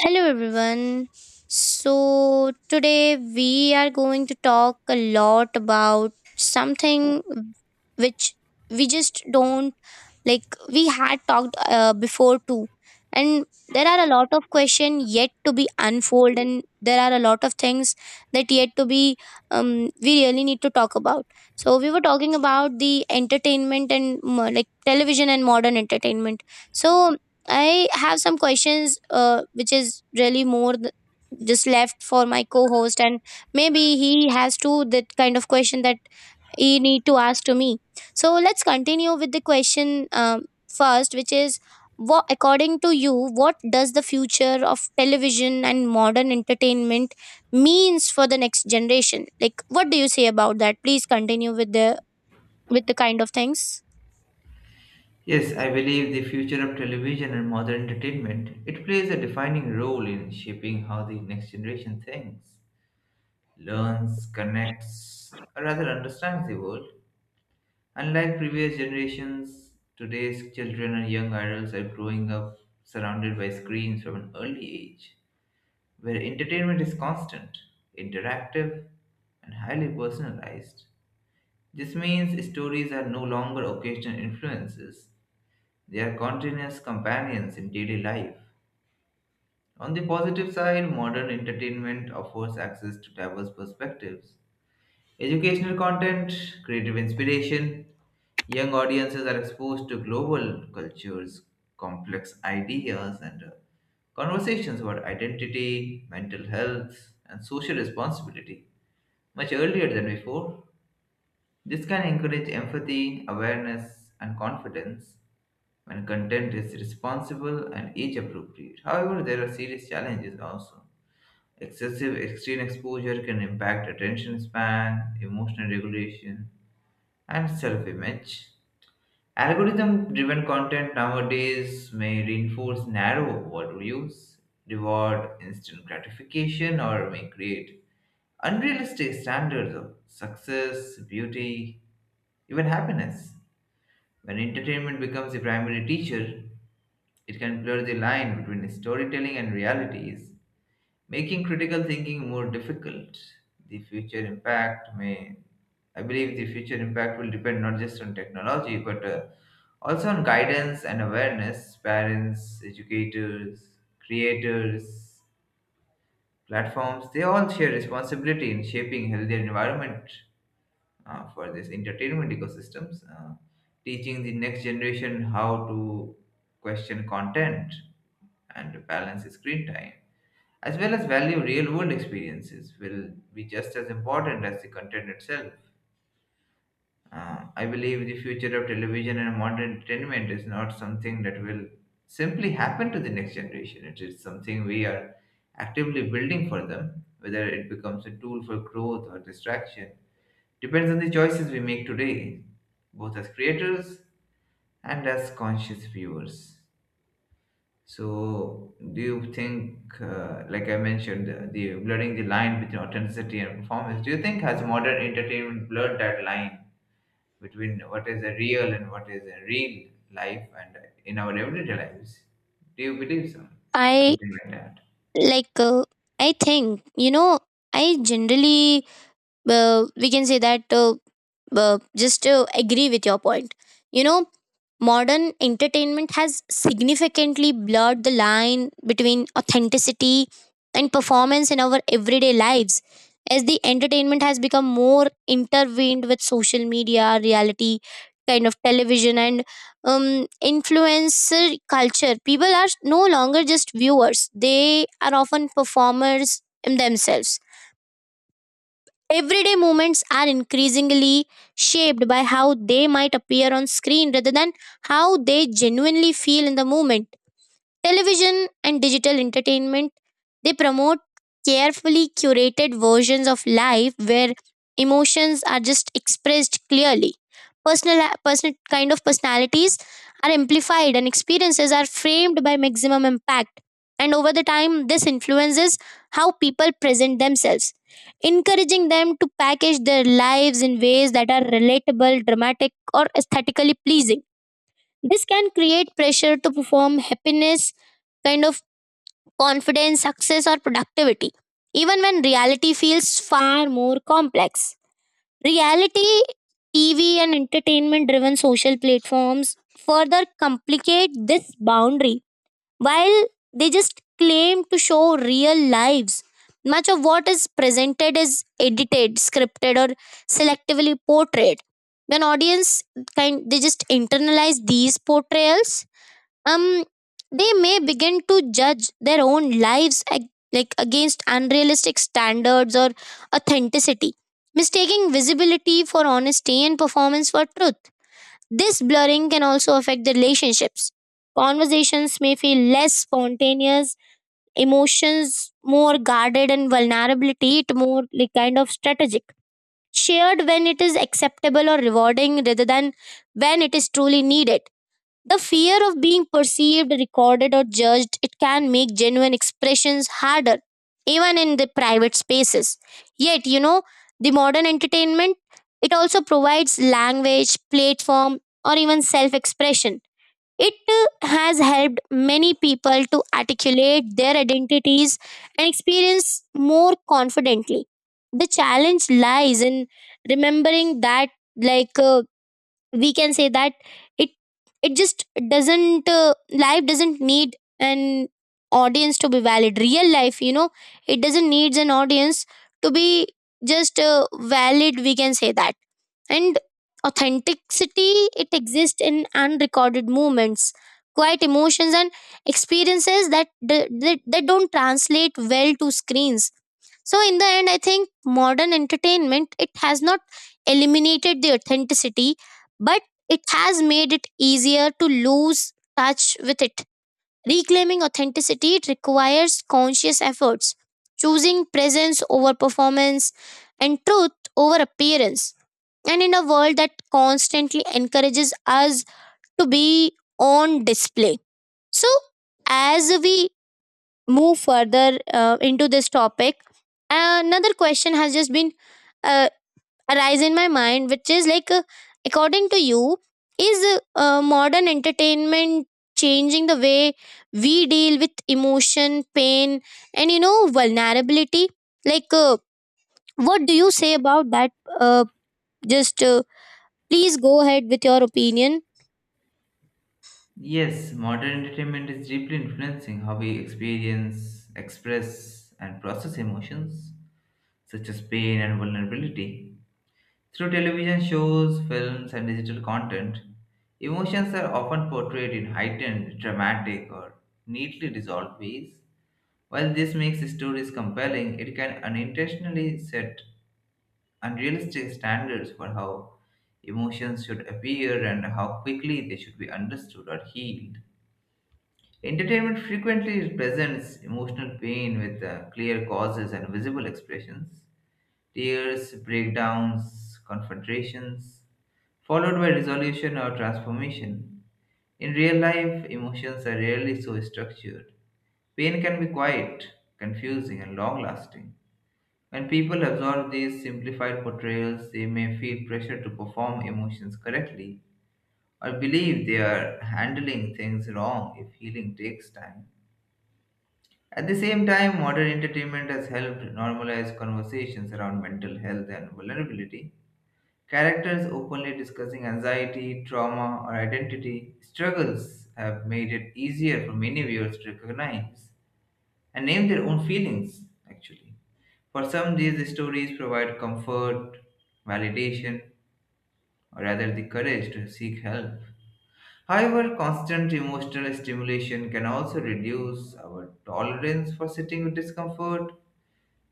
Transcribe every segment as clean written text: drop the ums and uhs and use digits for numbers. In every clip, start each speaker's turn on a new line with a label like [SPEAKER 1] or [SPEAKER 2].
[SPEAKER 1] Hello, everyone. So today we are going to talk a lot about something which we just don't, we had talked before too, and there are a lot of questions yet to be unfold, and there are a lot of things that yet to be, we really need to talk about. So we were talking about the entertainment and television and modern entertainment. So I have some questions which is really more just left for my co-host, and maybe he has too that kind of question that you need to ask to me. So let's continue with the question, first, which is, what, according to you, what does the future of television and modern entertainment means for the next generation? Like, what do you say about that? Please continue with the kind of things.
[SPEAKER 2] Yes, I believe the future of television and modern entertainment, it plays a defining role in shaping how the next generation thinks, learns, connects, or rather understands the world. Unlike previous generations, today's children and young adults are growing up surrounded by screens from an early age, where entertainment is constant, interactive, and highly personalized. This means stories are no longer occasional influences. They are continuous companions in daily life. On the positive side, modern entertainment offers access to diverse perspectives, educational content, creative inspiration. Young audiences are exposed to global cultures, complex ideas, and conversations about identity, mental health, and social responsibility much earlier than before. This can encourage empathy, awareness, and confidence when content is responsible and age appropriate. However, there are serious challenges also. Excessive extreme exposure can impact attention span, emotional regulation, and self image. Algorithm driven content nowadays may reinforce narrow worldviews, reward instant gratification, or may create unrealistic standards of success, beauty, even happiness. When entertainment becomes the primary teacher, it can blur the line between storytelling and realities, making critical thinking more difficult. The future impact may, I believe, the future impact will depend not just on technology but also on guidance and awareness. Parents, educators, creators, platforms, they all share responsibility in shaping healthier environment for this entertainment ecosystems, teaching the next generation how to question content and balance screen time, as well as value real world experiences, will be just as important as the content itself. I believe the future of television and modern entertainment is not something that will simply happen to the next generation. It is something we are actively building for them, whether it becomes a tool for growth or distraction depends on the choices we make today, both as creators and as conscious viewers. So, do you think, like I mentioned, the blurring the line between authenticity and performance? Do you think has modern entertainment blurred that line between what is a real and what is a real life and in our everyday lives? Do you believe so?
[SPEAKER 1] I
[SPEAKER 2] Something like that.
[SPEAKER 1] like. Uh, I think I generally, we can say that, just agree with your point, you know modern entertainment has significantly blurred the line between authenticity and performance in our everyday lives, as the entertainment has become more intertwined with social media, reality kind of television, and influencer culture. People are no longer just viewers, they are often performers in themselves. Everyday moments are increasingly shaped by how they might appear on screen rather than how they genuinely feel in the moment. Television and digital entertainment, they promote carefully curated versions of life, where emotions are just expressed clearly. Personal, personal Kind of personalities are amplified and experiences are framed by maximum impact. And over the time, this influences how people present themselves, encouraging them to package their lives in ways that are relatable, dramatic, or aesthetically pleasing. This can create pressure to perform happiness, kind of confidence, success, or productivity, even when reality feels far more complex. Reality TV and entertainment driven social platforms further complicate this boundary, while they just claim to show real lives. Much of what is presented is edited, scripted, or selectively portrayed. When audience kind they just internalize these portrayals, um they may begin to judge their own lives against unrealistic standards or authenticity, mistaking visibility for honesty and performance for truth. This blurring can also affect the relationships. Conversations may feel less spontaneous, emotions more guarded, and vulnerability it more like kind of strategic, shared when it is acceptable or rewarding rather than when it is truly needed. The fear of being perceived, recorded, or judged, it can make genuine expressions harder, even in the private spaces. Yet, you know, the modern entertainment, it also provides language, platform, or even self expression. It has helped many people to articulate their identities and experience more confidently. The challenge lies in remembering that, like, uh, we can say that it it just doesn't, life doesn't need an audience to be valid. Real life, you know, it doesn't needs an audience to be just, valid, we can say that. And authenticity, it exists in unrecorded moments, quiet emotions, and experiences that don't translate well to screens. So in the end, I think modern entertainment, it has not eliminated the authenticity, but it has made it easier to lose touch with it. Reclaiming authenticity it requires conscious efforts, choosing presence over performance, and truth over appearance, and in a world that constantly encourages us to be on display. So as we move further into this topic, another question has just been uh, arise in my mind, which is like, according to you, is modern entertainment changing the way we deal with emotion, pain, and, you know, vulnerability? Like, what do you say about that? Uh, just Please go ahead with your opinion.
[SPEAKER 2] Yes, modern entertainment is deeply influencing how we experience, express, and process emotions, such as pain and vulnerability. Through television shows, films, and digital content, emotions are often portrayed in heightened, dramatic, or neatly dissolved ways. While this makes stories compelling, it can unintentionally set unrealistic standards for how emotions should appear and how quickly they should be understood or healed. Entertainment frequently presents emotional pain with clear causes and visible expressions: tears, breakdowns, confrontations, followed by resolution or transformation. In real life, emotions are rarely so structured. Pain can be quiet, confusing, and long lasting. When people absorb these simplified portrayals, they may feel pressure to perform emotions correctly or believe they are handling things wrong if healing takes time. At the same time, modern entertainment has helped normalize conversations around mental health and vulnerability. Characters openly discussing anxiety, trauma, or identity struggles have made it easier for many viewers to recognize and name their own feelings, actually. For some, these stories provide comfort, validation, or rather the courage to seek help. However, constant emotional stimulation can also reduce our tolerance for sitting with discomfort.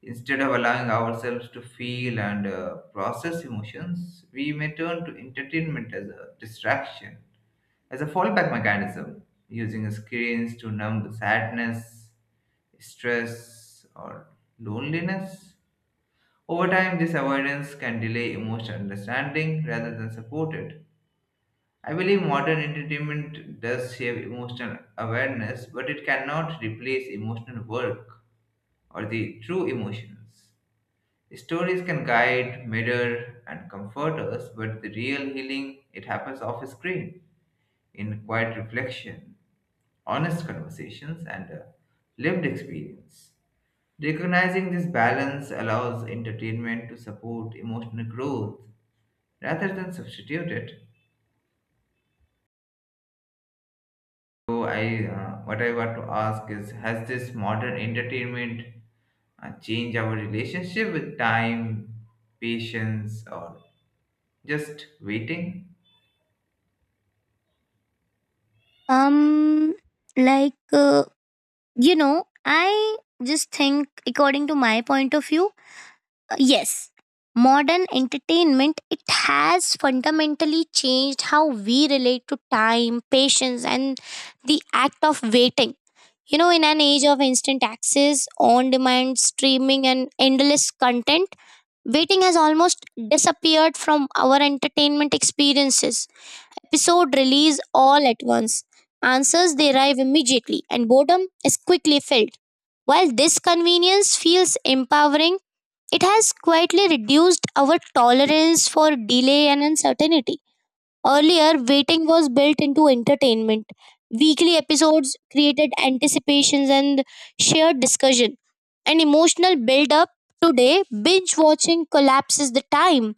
[SPEAKER 2] Instead of allowing ourselves to feel and process emotions, we may turn to entertainment as a distraction, as a fallback mechanism, using screens to numb sadness, stress, or loneliness. Over time, this avoidance can delay emotional understanding rather than support it. I believe modern entertainment does shape emotional awareness, but it cannot replace emotional work or the true emotions. Stories can guide, mirror, and comfort us, but the real healing it happens off screen, in quiet reflection, honest conversations, and a lived experience. Recognizing this balance allows entertainment to support emotional growth rather than substitute it. So, I what I want to ask is, has this modern entertainment change our relationship with time, patience, or just waiting?
[SPEAKER 1] um like uh, you know, I just think, according to my point of view, yes, modern entertainment it has fundamentally changed how we relate to time, patience, and the act of waiting. You know, in an age of instant access, on demand streaming, and endless content, waiting has almost disappeared from our entertainment experiences. Episode release all at once. Answers they arrive immediately and boredom is quickly filled. While this convenience feels empowering, it has quietly reduced our tolerance for delay and uncertainty. Earlier, waiting was built into entertainment. Weekly episodes created anticipations and shared discussion. An emotional build up today, binge watching collapses the time,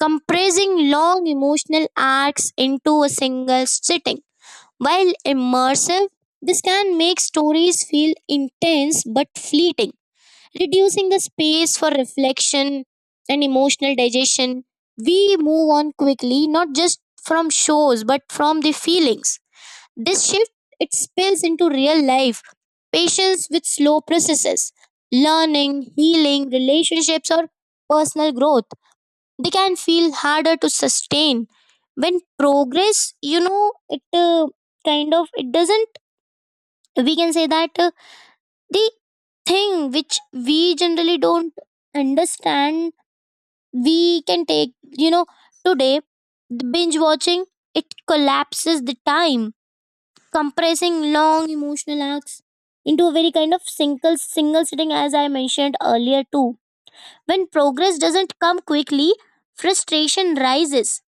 [SPEAKER 1] compressing long emotional arcs into a single sitting. While immersive, this can make stories feel intense but fleeting, reducing the space for reflection and emotional digestion. We move on quickly, not just from shows but from the feelings. This shift it spills into real life. Patience with slow processes, learning, healing, relationships, or personal growth, they can feel harder to sustain when progress, you know, it kind of, it doesn't, we can say that, the thing which we generally don't understand, we can take, you know, today the binge watching it collapses the time, compressing long emotional acts into a very kind of single sitting, as I mentioned earlier too. When progress doesn't come quickly, frustration rises.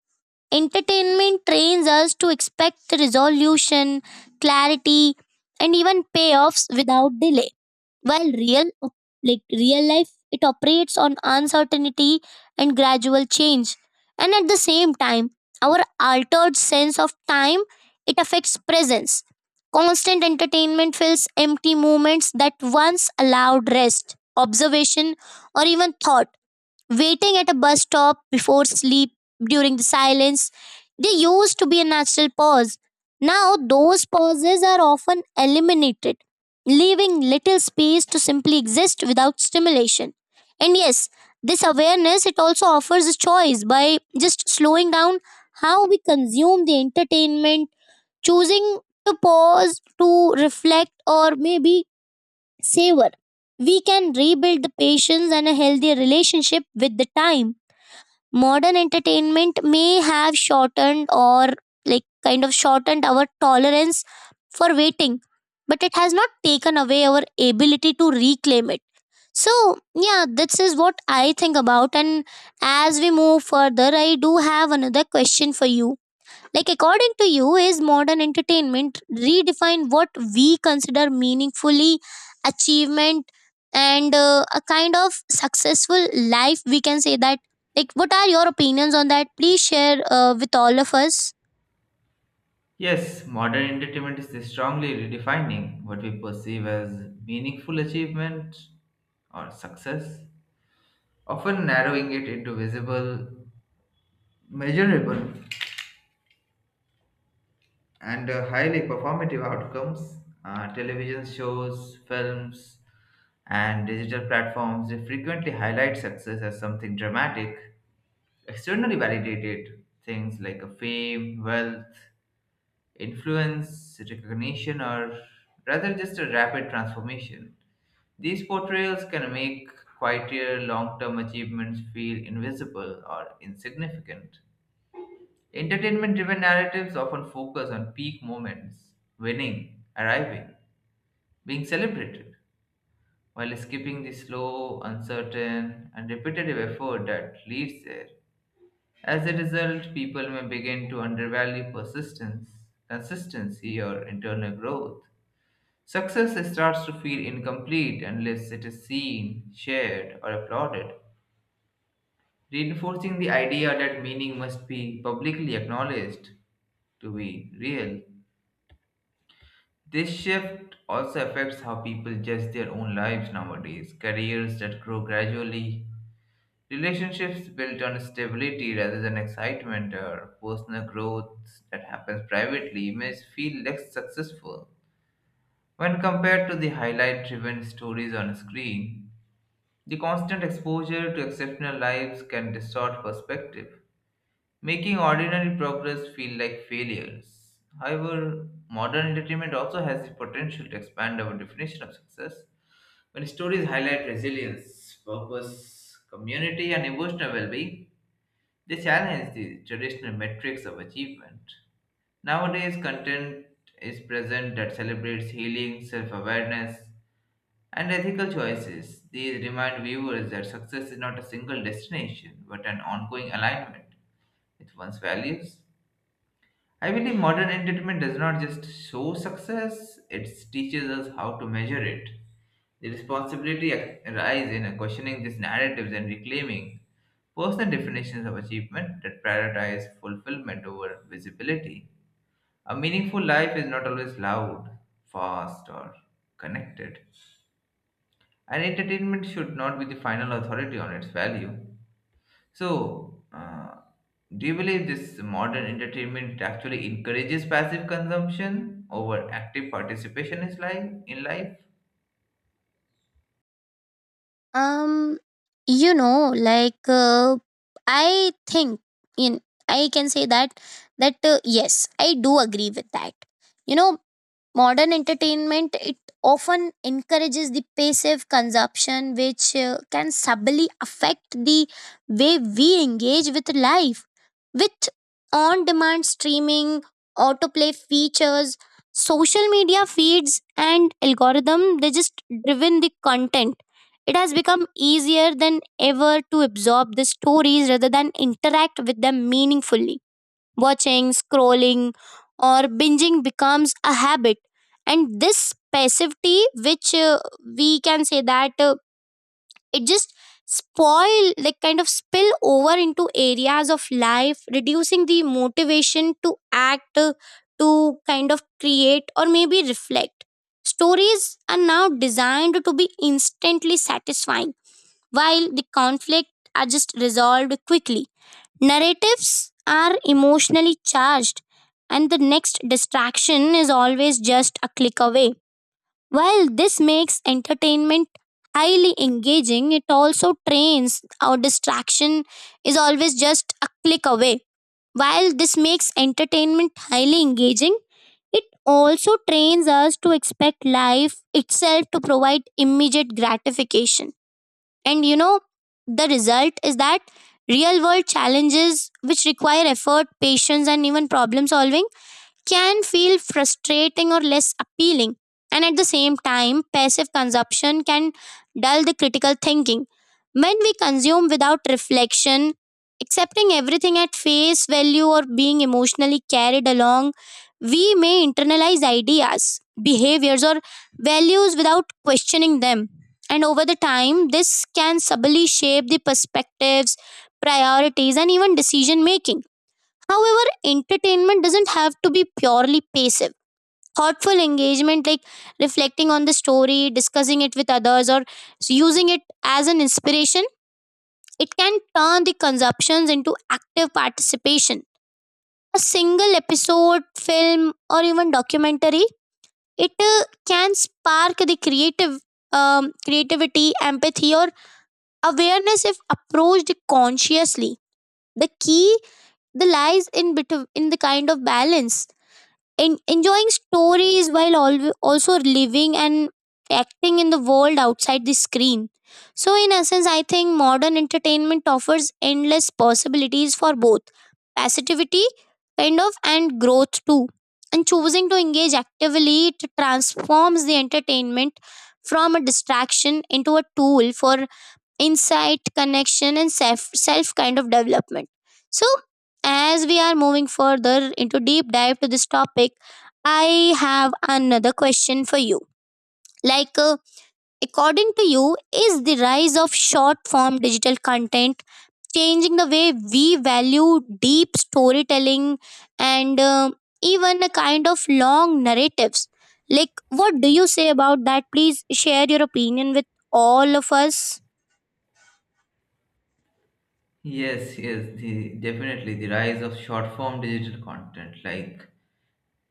[SPEAKER 1] Entertainment trains us to expect resolution, clarity, and even payoffs without delay. While real, like real life it operates on uncertainty and gradual change. And at the same time, our altered sense of time it affects presence. Constant entertainment fills empty moments that once allowed rest, observation, or even thought. Waiting at a bus stop, before sleep, during the silence, they used to be a natural pause. Now those pauses are often eliminated, leaving little space to simply exist without stimulation. And yes, this awareness it also offers a choice by just slowing down how we consume the entertainment. Choosing to pause, to reflect, or maybe savor, we can rebuild the patience and a healthier relationship with the time. Modern entertainment may have shortened, or like kind of shortened our tolerance for waiting, but it has not taken away our ability to reclaim it. So, yeah, this is what I think about. And as we move further, I do have another question for you. Like, according to you, is modern entertainment redefine what we consider meaningfully achievement and a kind of successful life? We can say that. Like, what are your opinions on that? Please share with all of us.
[SPEAKER 2] Yes, modern entertainment is strongly redefining what we perceive as meaningful achievement or success, often narrowing it into visible, measurable, and highly performative outcomes. Television shows, films, and digital platforms they frequently highlight success as something dramatic, externally validated, things like a fame, wealth, influence, recognition, or rather just a rapid transformation. These portrayals can make quieter long term achievements feel invisible or insignificant. Entertainment driven narratives often focus on peak moments, winning, arriving, being celebrated, while skipping the slow, uncertain, and repetitive effort that leads there. As a result, people may begin to undervalue persistence, consistency, or internal growth. Success starts to feel incomplete unless it is seen, shared, or applauded, reinforcing the idea that meaning must be publicly acknowledged to be real. This shift also affects how people judge their own lives nowadays. Careers that grow gradually, relationships built on stability rather than excitement, or personal growth that happens privately may feel less successful when compared to the highlight driven stories on screen. The constant exposure to exceptional lives can distort perspective, making ordinary progress feel like failures. However, modern entertainment also has the potential to expand our definition of success. When stories highlight resilience, purpose, community, and emotional well being, they challenge the traditional metrics of achievement. Nowadays, content is present that celebrates healing, self awareness, and ethical choices. These remind viewers that success is not a single destination, but an ongoing alignment with one's values. I believe modern entertainment does not just show success, it teaches us how to measure it. The responsibility lies in questioning these narratives and reclaiming personal definitions of achievement that prioritize fulfillment over visibility. A meaningful life is not always loud, fast, or connected, and entertainment should not be the final authority on its value. So, do you believe this modern entertainment actually encourages passive consumption over active participation is life, in life?
[SPEAKER 1] Um, you know, I think, in I can say that, yes, I do agree with that. You know, modern entertainment it often encourages the passive consumption, which can subtly affect the way we engage with life. With on demand streaming, autoplay features, social media feeds, and algorithm, they just driven the content. It has become easier than ever to absorb the stories rather than interact with them meaningfully. Watching, scrolling, or binging becomes a habit. And this passivity, which, we can say that, it just spoil, like kind of spill over into areas of life, reducing the motivation to act, to kind of create, or maybe reflect. Stories are now designed to be instantly satisfying, while the conflict are just resolved quickly. Narratives are emotionally charged, and the next distraction is always just a click away. While this makes entertainment highly engaging, it also trains our distraction is always just a click away. While this makes entertainment highly engaging, it also trains us to expect life itself to provide immediate gratification. And, you know, the result is that real world challenges which require effort, patience, and even problem solving can feel frustrating or less appealing. And at the same time, passive consumption can dull the critical thinking. When we consume without reflection, accepting everything at face value or being emotionally carried along, we may internalize ideas, behaviors, or values without questioning them. And over the time, this can subtly shape the perspectives, priorities, and even decision making. However, entertainment doesn't have to be purely passive. Thoughtful engagement, like reflecting on the story, discussing it with others, or using it as an inspiration, it can turn the consumptions into active participation. A single episode, film, or even documentary, it can spark the creative, creativity, empathy, or awareness if approached consciously. The key, the lies in between in the kind of balance, enjoying stories while also living and acting in the world outside the screen. So in essence, I think modern entertainment offers endless possibilities for both passivity, kind of, and growth too. And choosing to engage actively, it transforms the entertainment from a distraction into a tool for insight, connection, and self self kind of development. So, as we are moving further into deep dive to this topic, I have another question for you. Like, according to you, is the rise of short form digital content changing the way we value deep storytelling, and even a kind of long narratives? Like, what do you say about that? Please share your opinion with all of us.
[SPEAKER 2] Yes, the, definitely the rise of short form digital content like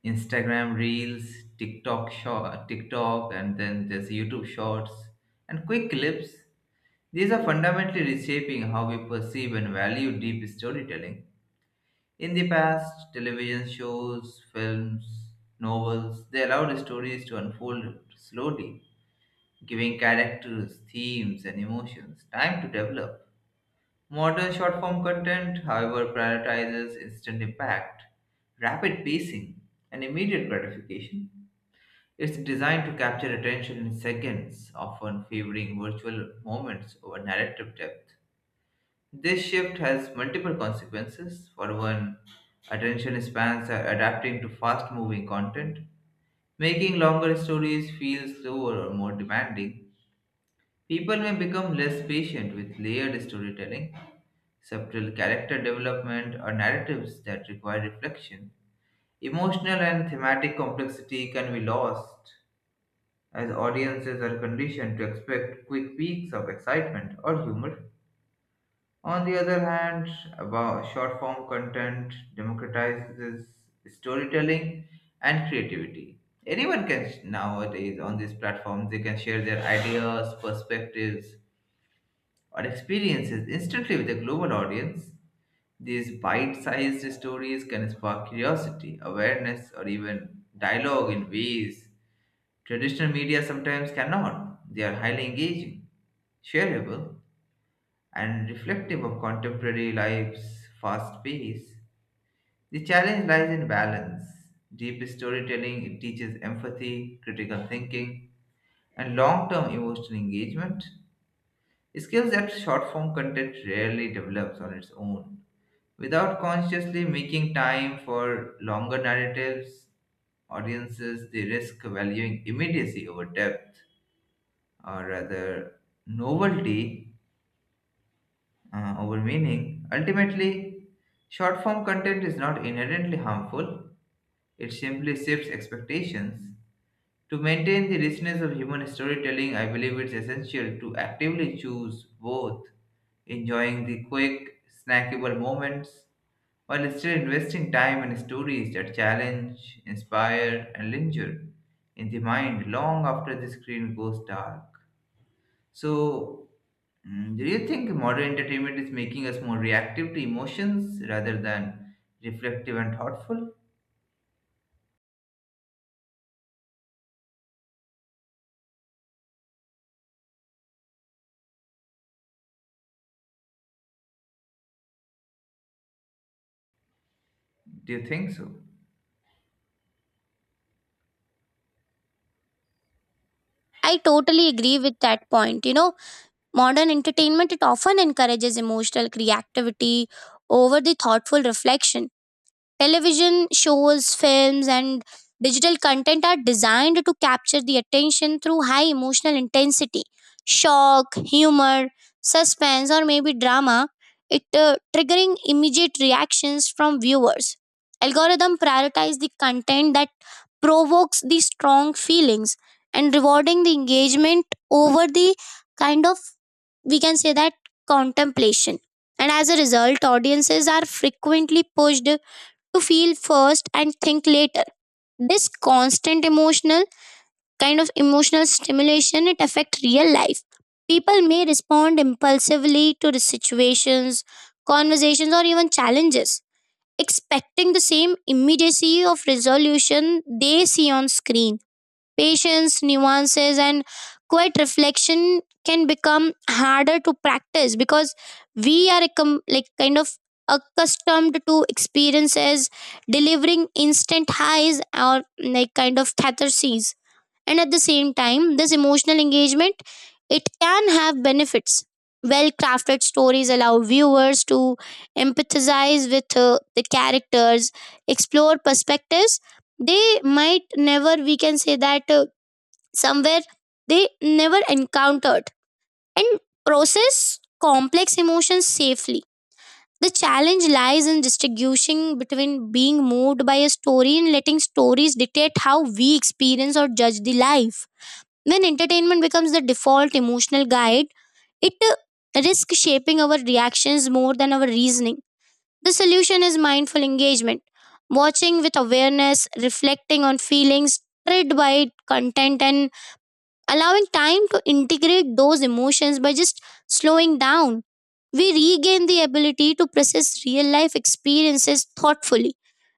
[SPEAKER 2] Instagram Reels, TikTok short, TikTok, and then there's YouTube Shorts and quick clips. These are fundamentally reshaping how we perceive and value deep storytelling. In the past, television shows, films, novels, they allowed stories to unfold slowly, giving characters, themes, and emotions time to develop. Modern short form content, however, prioritizes instant impact, rapid pacing, and immediate gratification. It's designed to capture attention in seconds, often favoring virtual moments over narrative depth. This shift has multiple consequences. For one, attention spans are adapting to fast moving content, making longer stories feel slower or more demanding. People may become less patient with layered storytelling, subtle character development, or narratives that require reflection. Emotional and thematic complexity can be lost as audiences are conditioned to expect quick peaks of excitement or humor. On the other hand, about short form content democratizes storytelling and creativity. Anyone can sh- nowadays on these platforms they can share their ideas, perspectives, or experiences instantly with a global audience. These bite-sized stories can spark curiosity, awareness, or even dialogue in ways traditional media sometimes cannot. They are highly engaging, shareable, and reflective of contemporary life's fast pace. The challenge lies in balance. Deep storytelling it teaches empathy, critical thinking, and long term emotional engagement, skills that short form content rarely develops on its own. Without consciously making time for longer narratives, audiences they risk valuing immediacy over depth, or rather, novelty over meaning. Ultimately, short form content is not inherently harmful, it simply shifts expectations. To maintain the richness of human storytelling, I believe it's essential to actively choose both, enjoying the quick, snackable moments while still investing time in stories that challenge, inspire, and linger in the mind long after the screen goes dark. So, Mm, do you think modern entertainment is making us more reactive to emotions rather than reflective and thoughtful? Do you think so?
[SPEAKER 1] I totally agree with that point. You know, modern entertainment it often encourages emotional creativity over the thoughtful reflection. Television shows, films and digital content are designed to capture the attention through high emotional intensity, shock, humor, suspense or maybe drama, it triggering immediate reactions from viewers. Algorithm prioritize the content that provokes the strong feelings and rewarding the engagement over the kind of we can say that contemplation, and as a result audiences are frequently pushed to feel first and think later. This constant emotional kind of emotional stimulation it affect real life. People may respond impulsively to the situations, conversations or even challenges, expecting the same immediacy of resolution they see on screen. Patience, nuances, and quiet reflection can become harder to practice because we are like kind of accustomed to experiences delivering instant highs or like kind of catharsis. And at the same time, this emotional engagement it can have benefits. Well crafted stories allow viewers to empathize with the characters, explore perspectives they might never, we can say that, somewhere they never encountered, and process complex emotions safely. The challenge lies in distinguishing between being moved by a story and letting stories dictate how we experience or judge the life. When entertainment becomes the default emotional guide, it risks shaping our reactions more than our reasoning. The solution is mindful engagement, watching with awareness, reflecting on feelings, triggered by content, and allowing time to integrate those emotions by just slowing down. We regain the ability to process real life experiences thoughtfully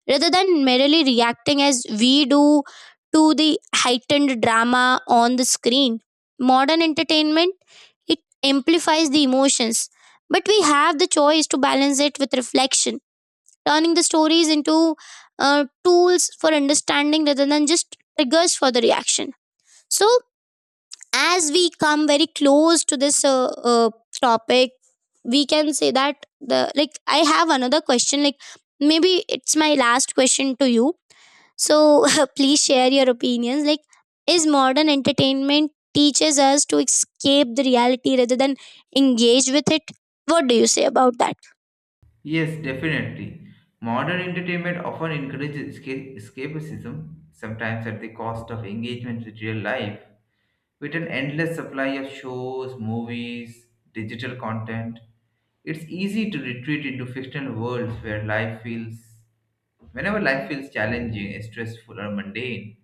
[SPEAKER 1] rather than merely reacting as we do to the heightened drama on the screen. Modern entertainment it amplifies the emotions, but we have the choice to balance it with reflection, turning the stories into tools for understanding rather than just triggers for the reaction. So, as we come very close to this topic, we can say that, the like I have another question, like maybe it's my last question to you, so please share your opinions, like is modern entertainment teaches us to escape the reality rather than engage with it? What do you say about that?
[SPEAKER 2] Yes, definitely. Modern entertainment often encourages escapism, sometimes at the cost of engagement with real life. With an endless supply of shows, movies, digital content, it's easy to retreat into fictional worlds where life feels Whenever life feels challenging, stressful, or mundane,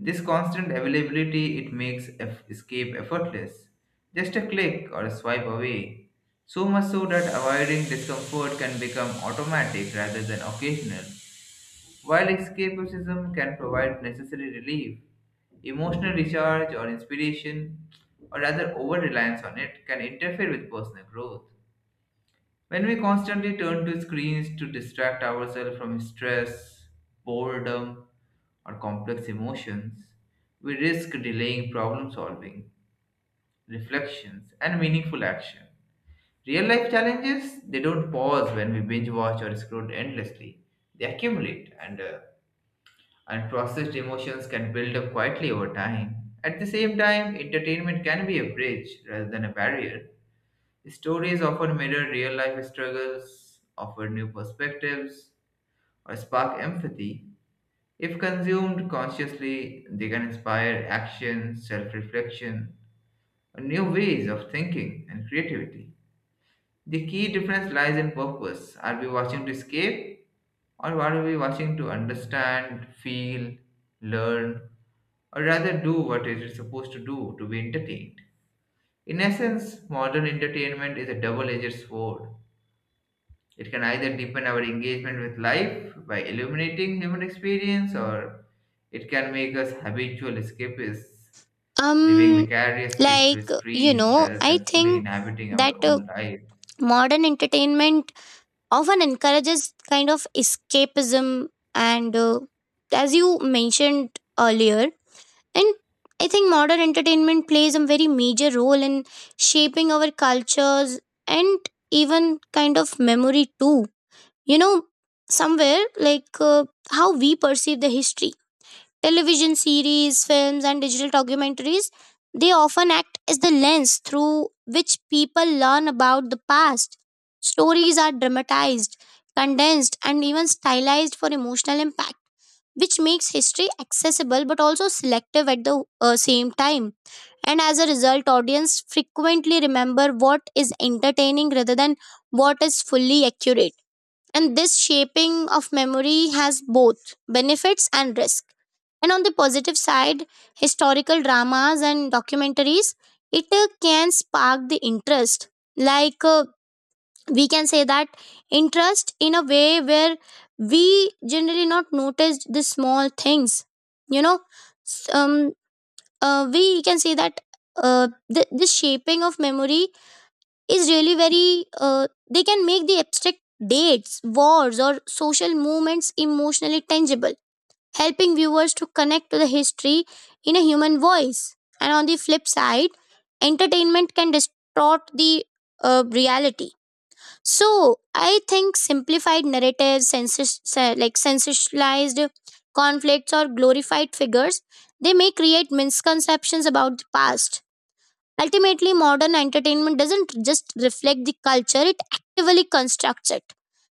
[SPEAKER 2] this constant availability it makes escape effortless, just a click or a swipe away. So much so that avoiding discomfort can become automatic rather than occasional, while escapism can provide necessary relief, emotional recharge or inspiration, or rather over reliance on it can interfere with personal growth. When we constantly turn to screens to distract ourselves from stress, boredom, or complex emotions, we risk delaying problem solving, reflections, and meaningful action. Real life challenges, they don't pause when we binge watch or scroll endlessly. They accumulate, and unprocessed emotions can build up quietly over time. At the same time, entertainment can be a bridge rather than a barrier. Stories often mirror real life struggles, offer new perspectives, or spark empathy. If consumed consciously, they can inspire action, self reflection, or new ways of thinking and creativity. The key difference lies in purpose. Are we watching to escape, or are we watching to understand, feel, learn, or rather do what it is supposed to do to be entertained? In essence, modern entertainment is a double edged sword. It can either deepen our engagement with life by illuminating human experience, or it can make us habitual escapists, living
[SPEAKER 1] um
[SPEAKER 2] vicariously through
[SPEAKER 1] like, you
[SPEAKER 2] screens
[SPEAKER 1] know,
[SPEAKER 2] rather
[SPEAKER 1] I
[SPEAKER 2] than fully
[SPEAKER 1] think
[SPEAKER 2] inhabiting our
[SPEAKER 1] that
[SPEAKER 2] own lives.
[SPEAKER 1] modern entertainment often encourages kind of escapism, and as you mentioned earlier. And I think modern entertainment plays a very major role in shaping our cultures and even kind of memory too, you know, somewhere like how we perceive the history. Television series, films, and digital documentaries, they often act as the lens through which people learn about the past. Stories are dramatized, condensed, and even stylized for emotional impact, which makes history accessible but also selective at the same time. And as a result, audience frequently remember what is entertaining rather than what is fully accurate. And this shaping of memory has both benefits and risk. And on the positive side, historical dramas and documentaries, it can spark the interest. Like we can say that interest in a way where we generally not notice the small things. You know, S- um, we can say that the shaping of memory is really very they can make the abstract dates, wars or social movements emotionally tangible, helping viewers to connect to the history in a human voice. And on the flip side, entertainment can distort the reality. So I think simplified narratives, like sensationalized conflicts or glorified figures, they may create misconceptions about the past. Ultimately, modern entertainment doesn't just reflect the culture, it actively constructs it.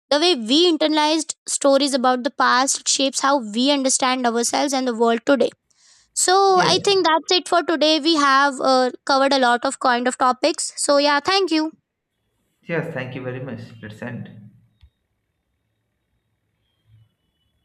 [SPEAKER 1] The way we internalized stories about the past shapes how we understand ourselves and the world today. So, I
[SPEAKER 2] Yes,
[SPEAKER 1] think that's it for today. We have covered a lot of kind of topics. So, yeah, thank you.
[SPEAKER 2] yes, thank you very much. Let's end.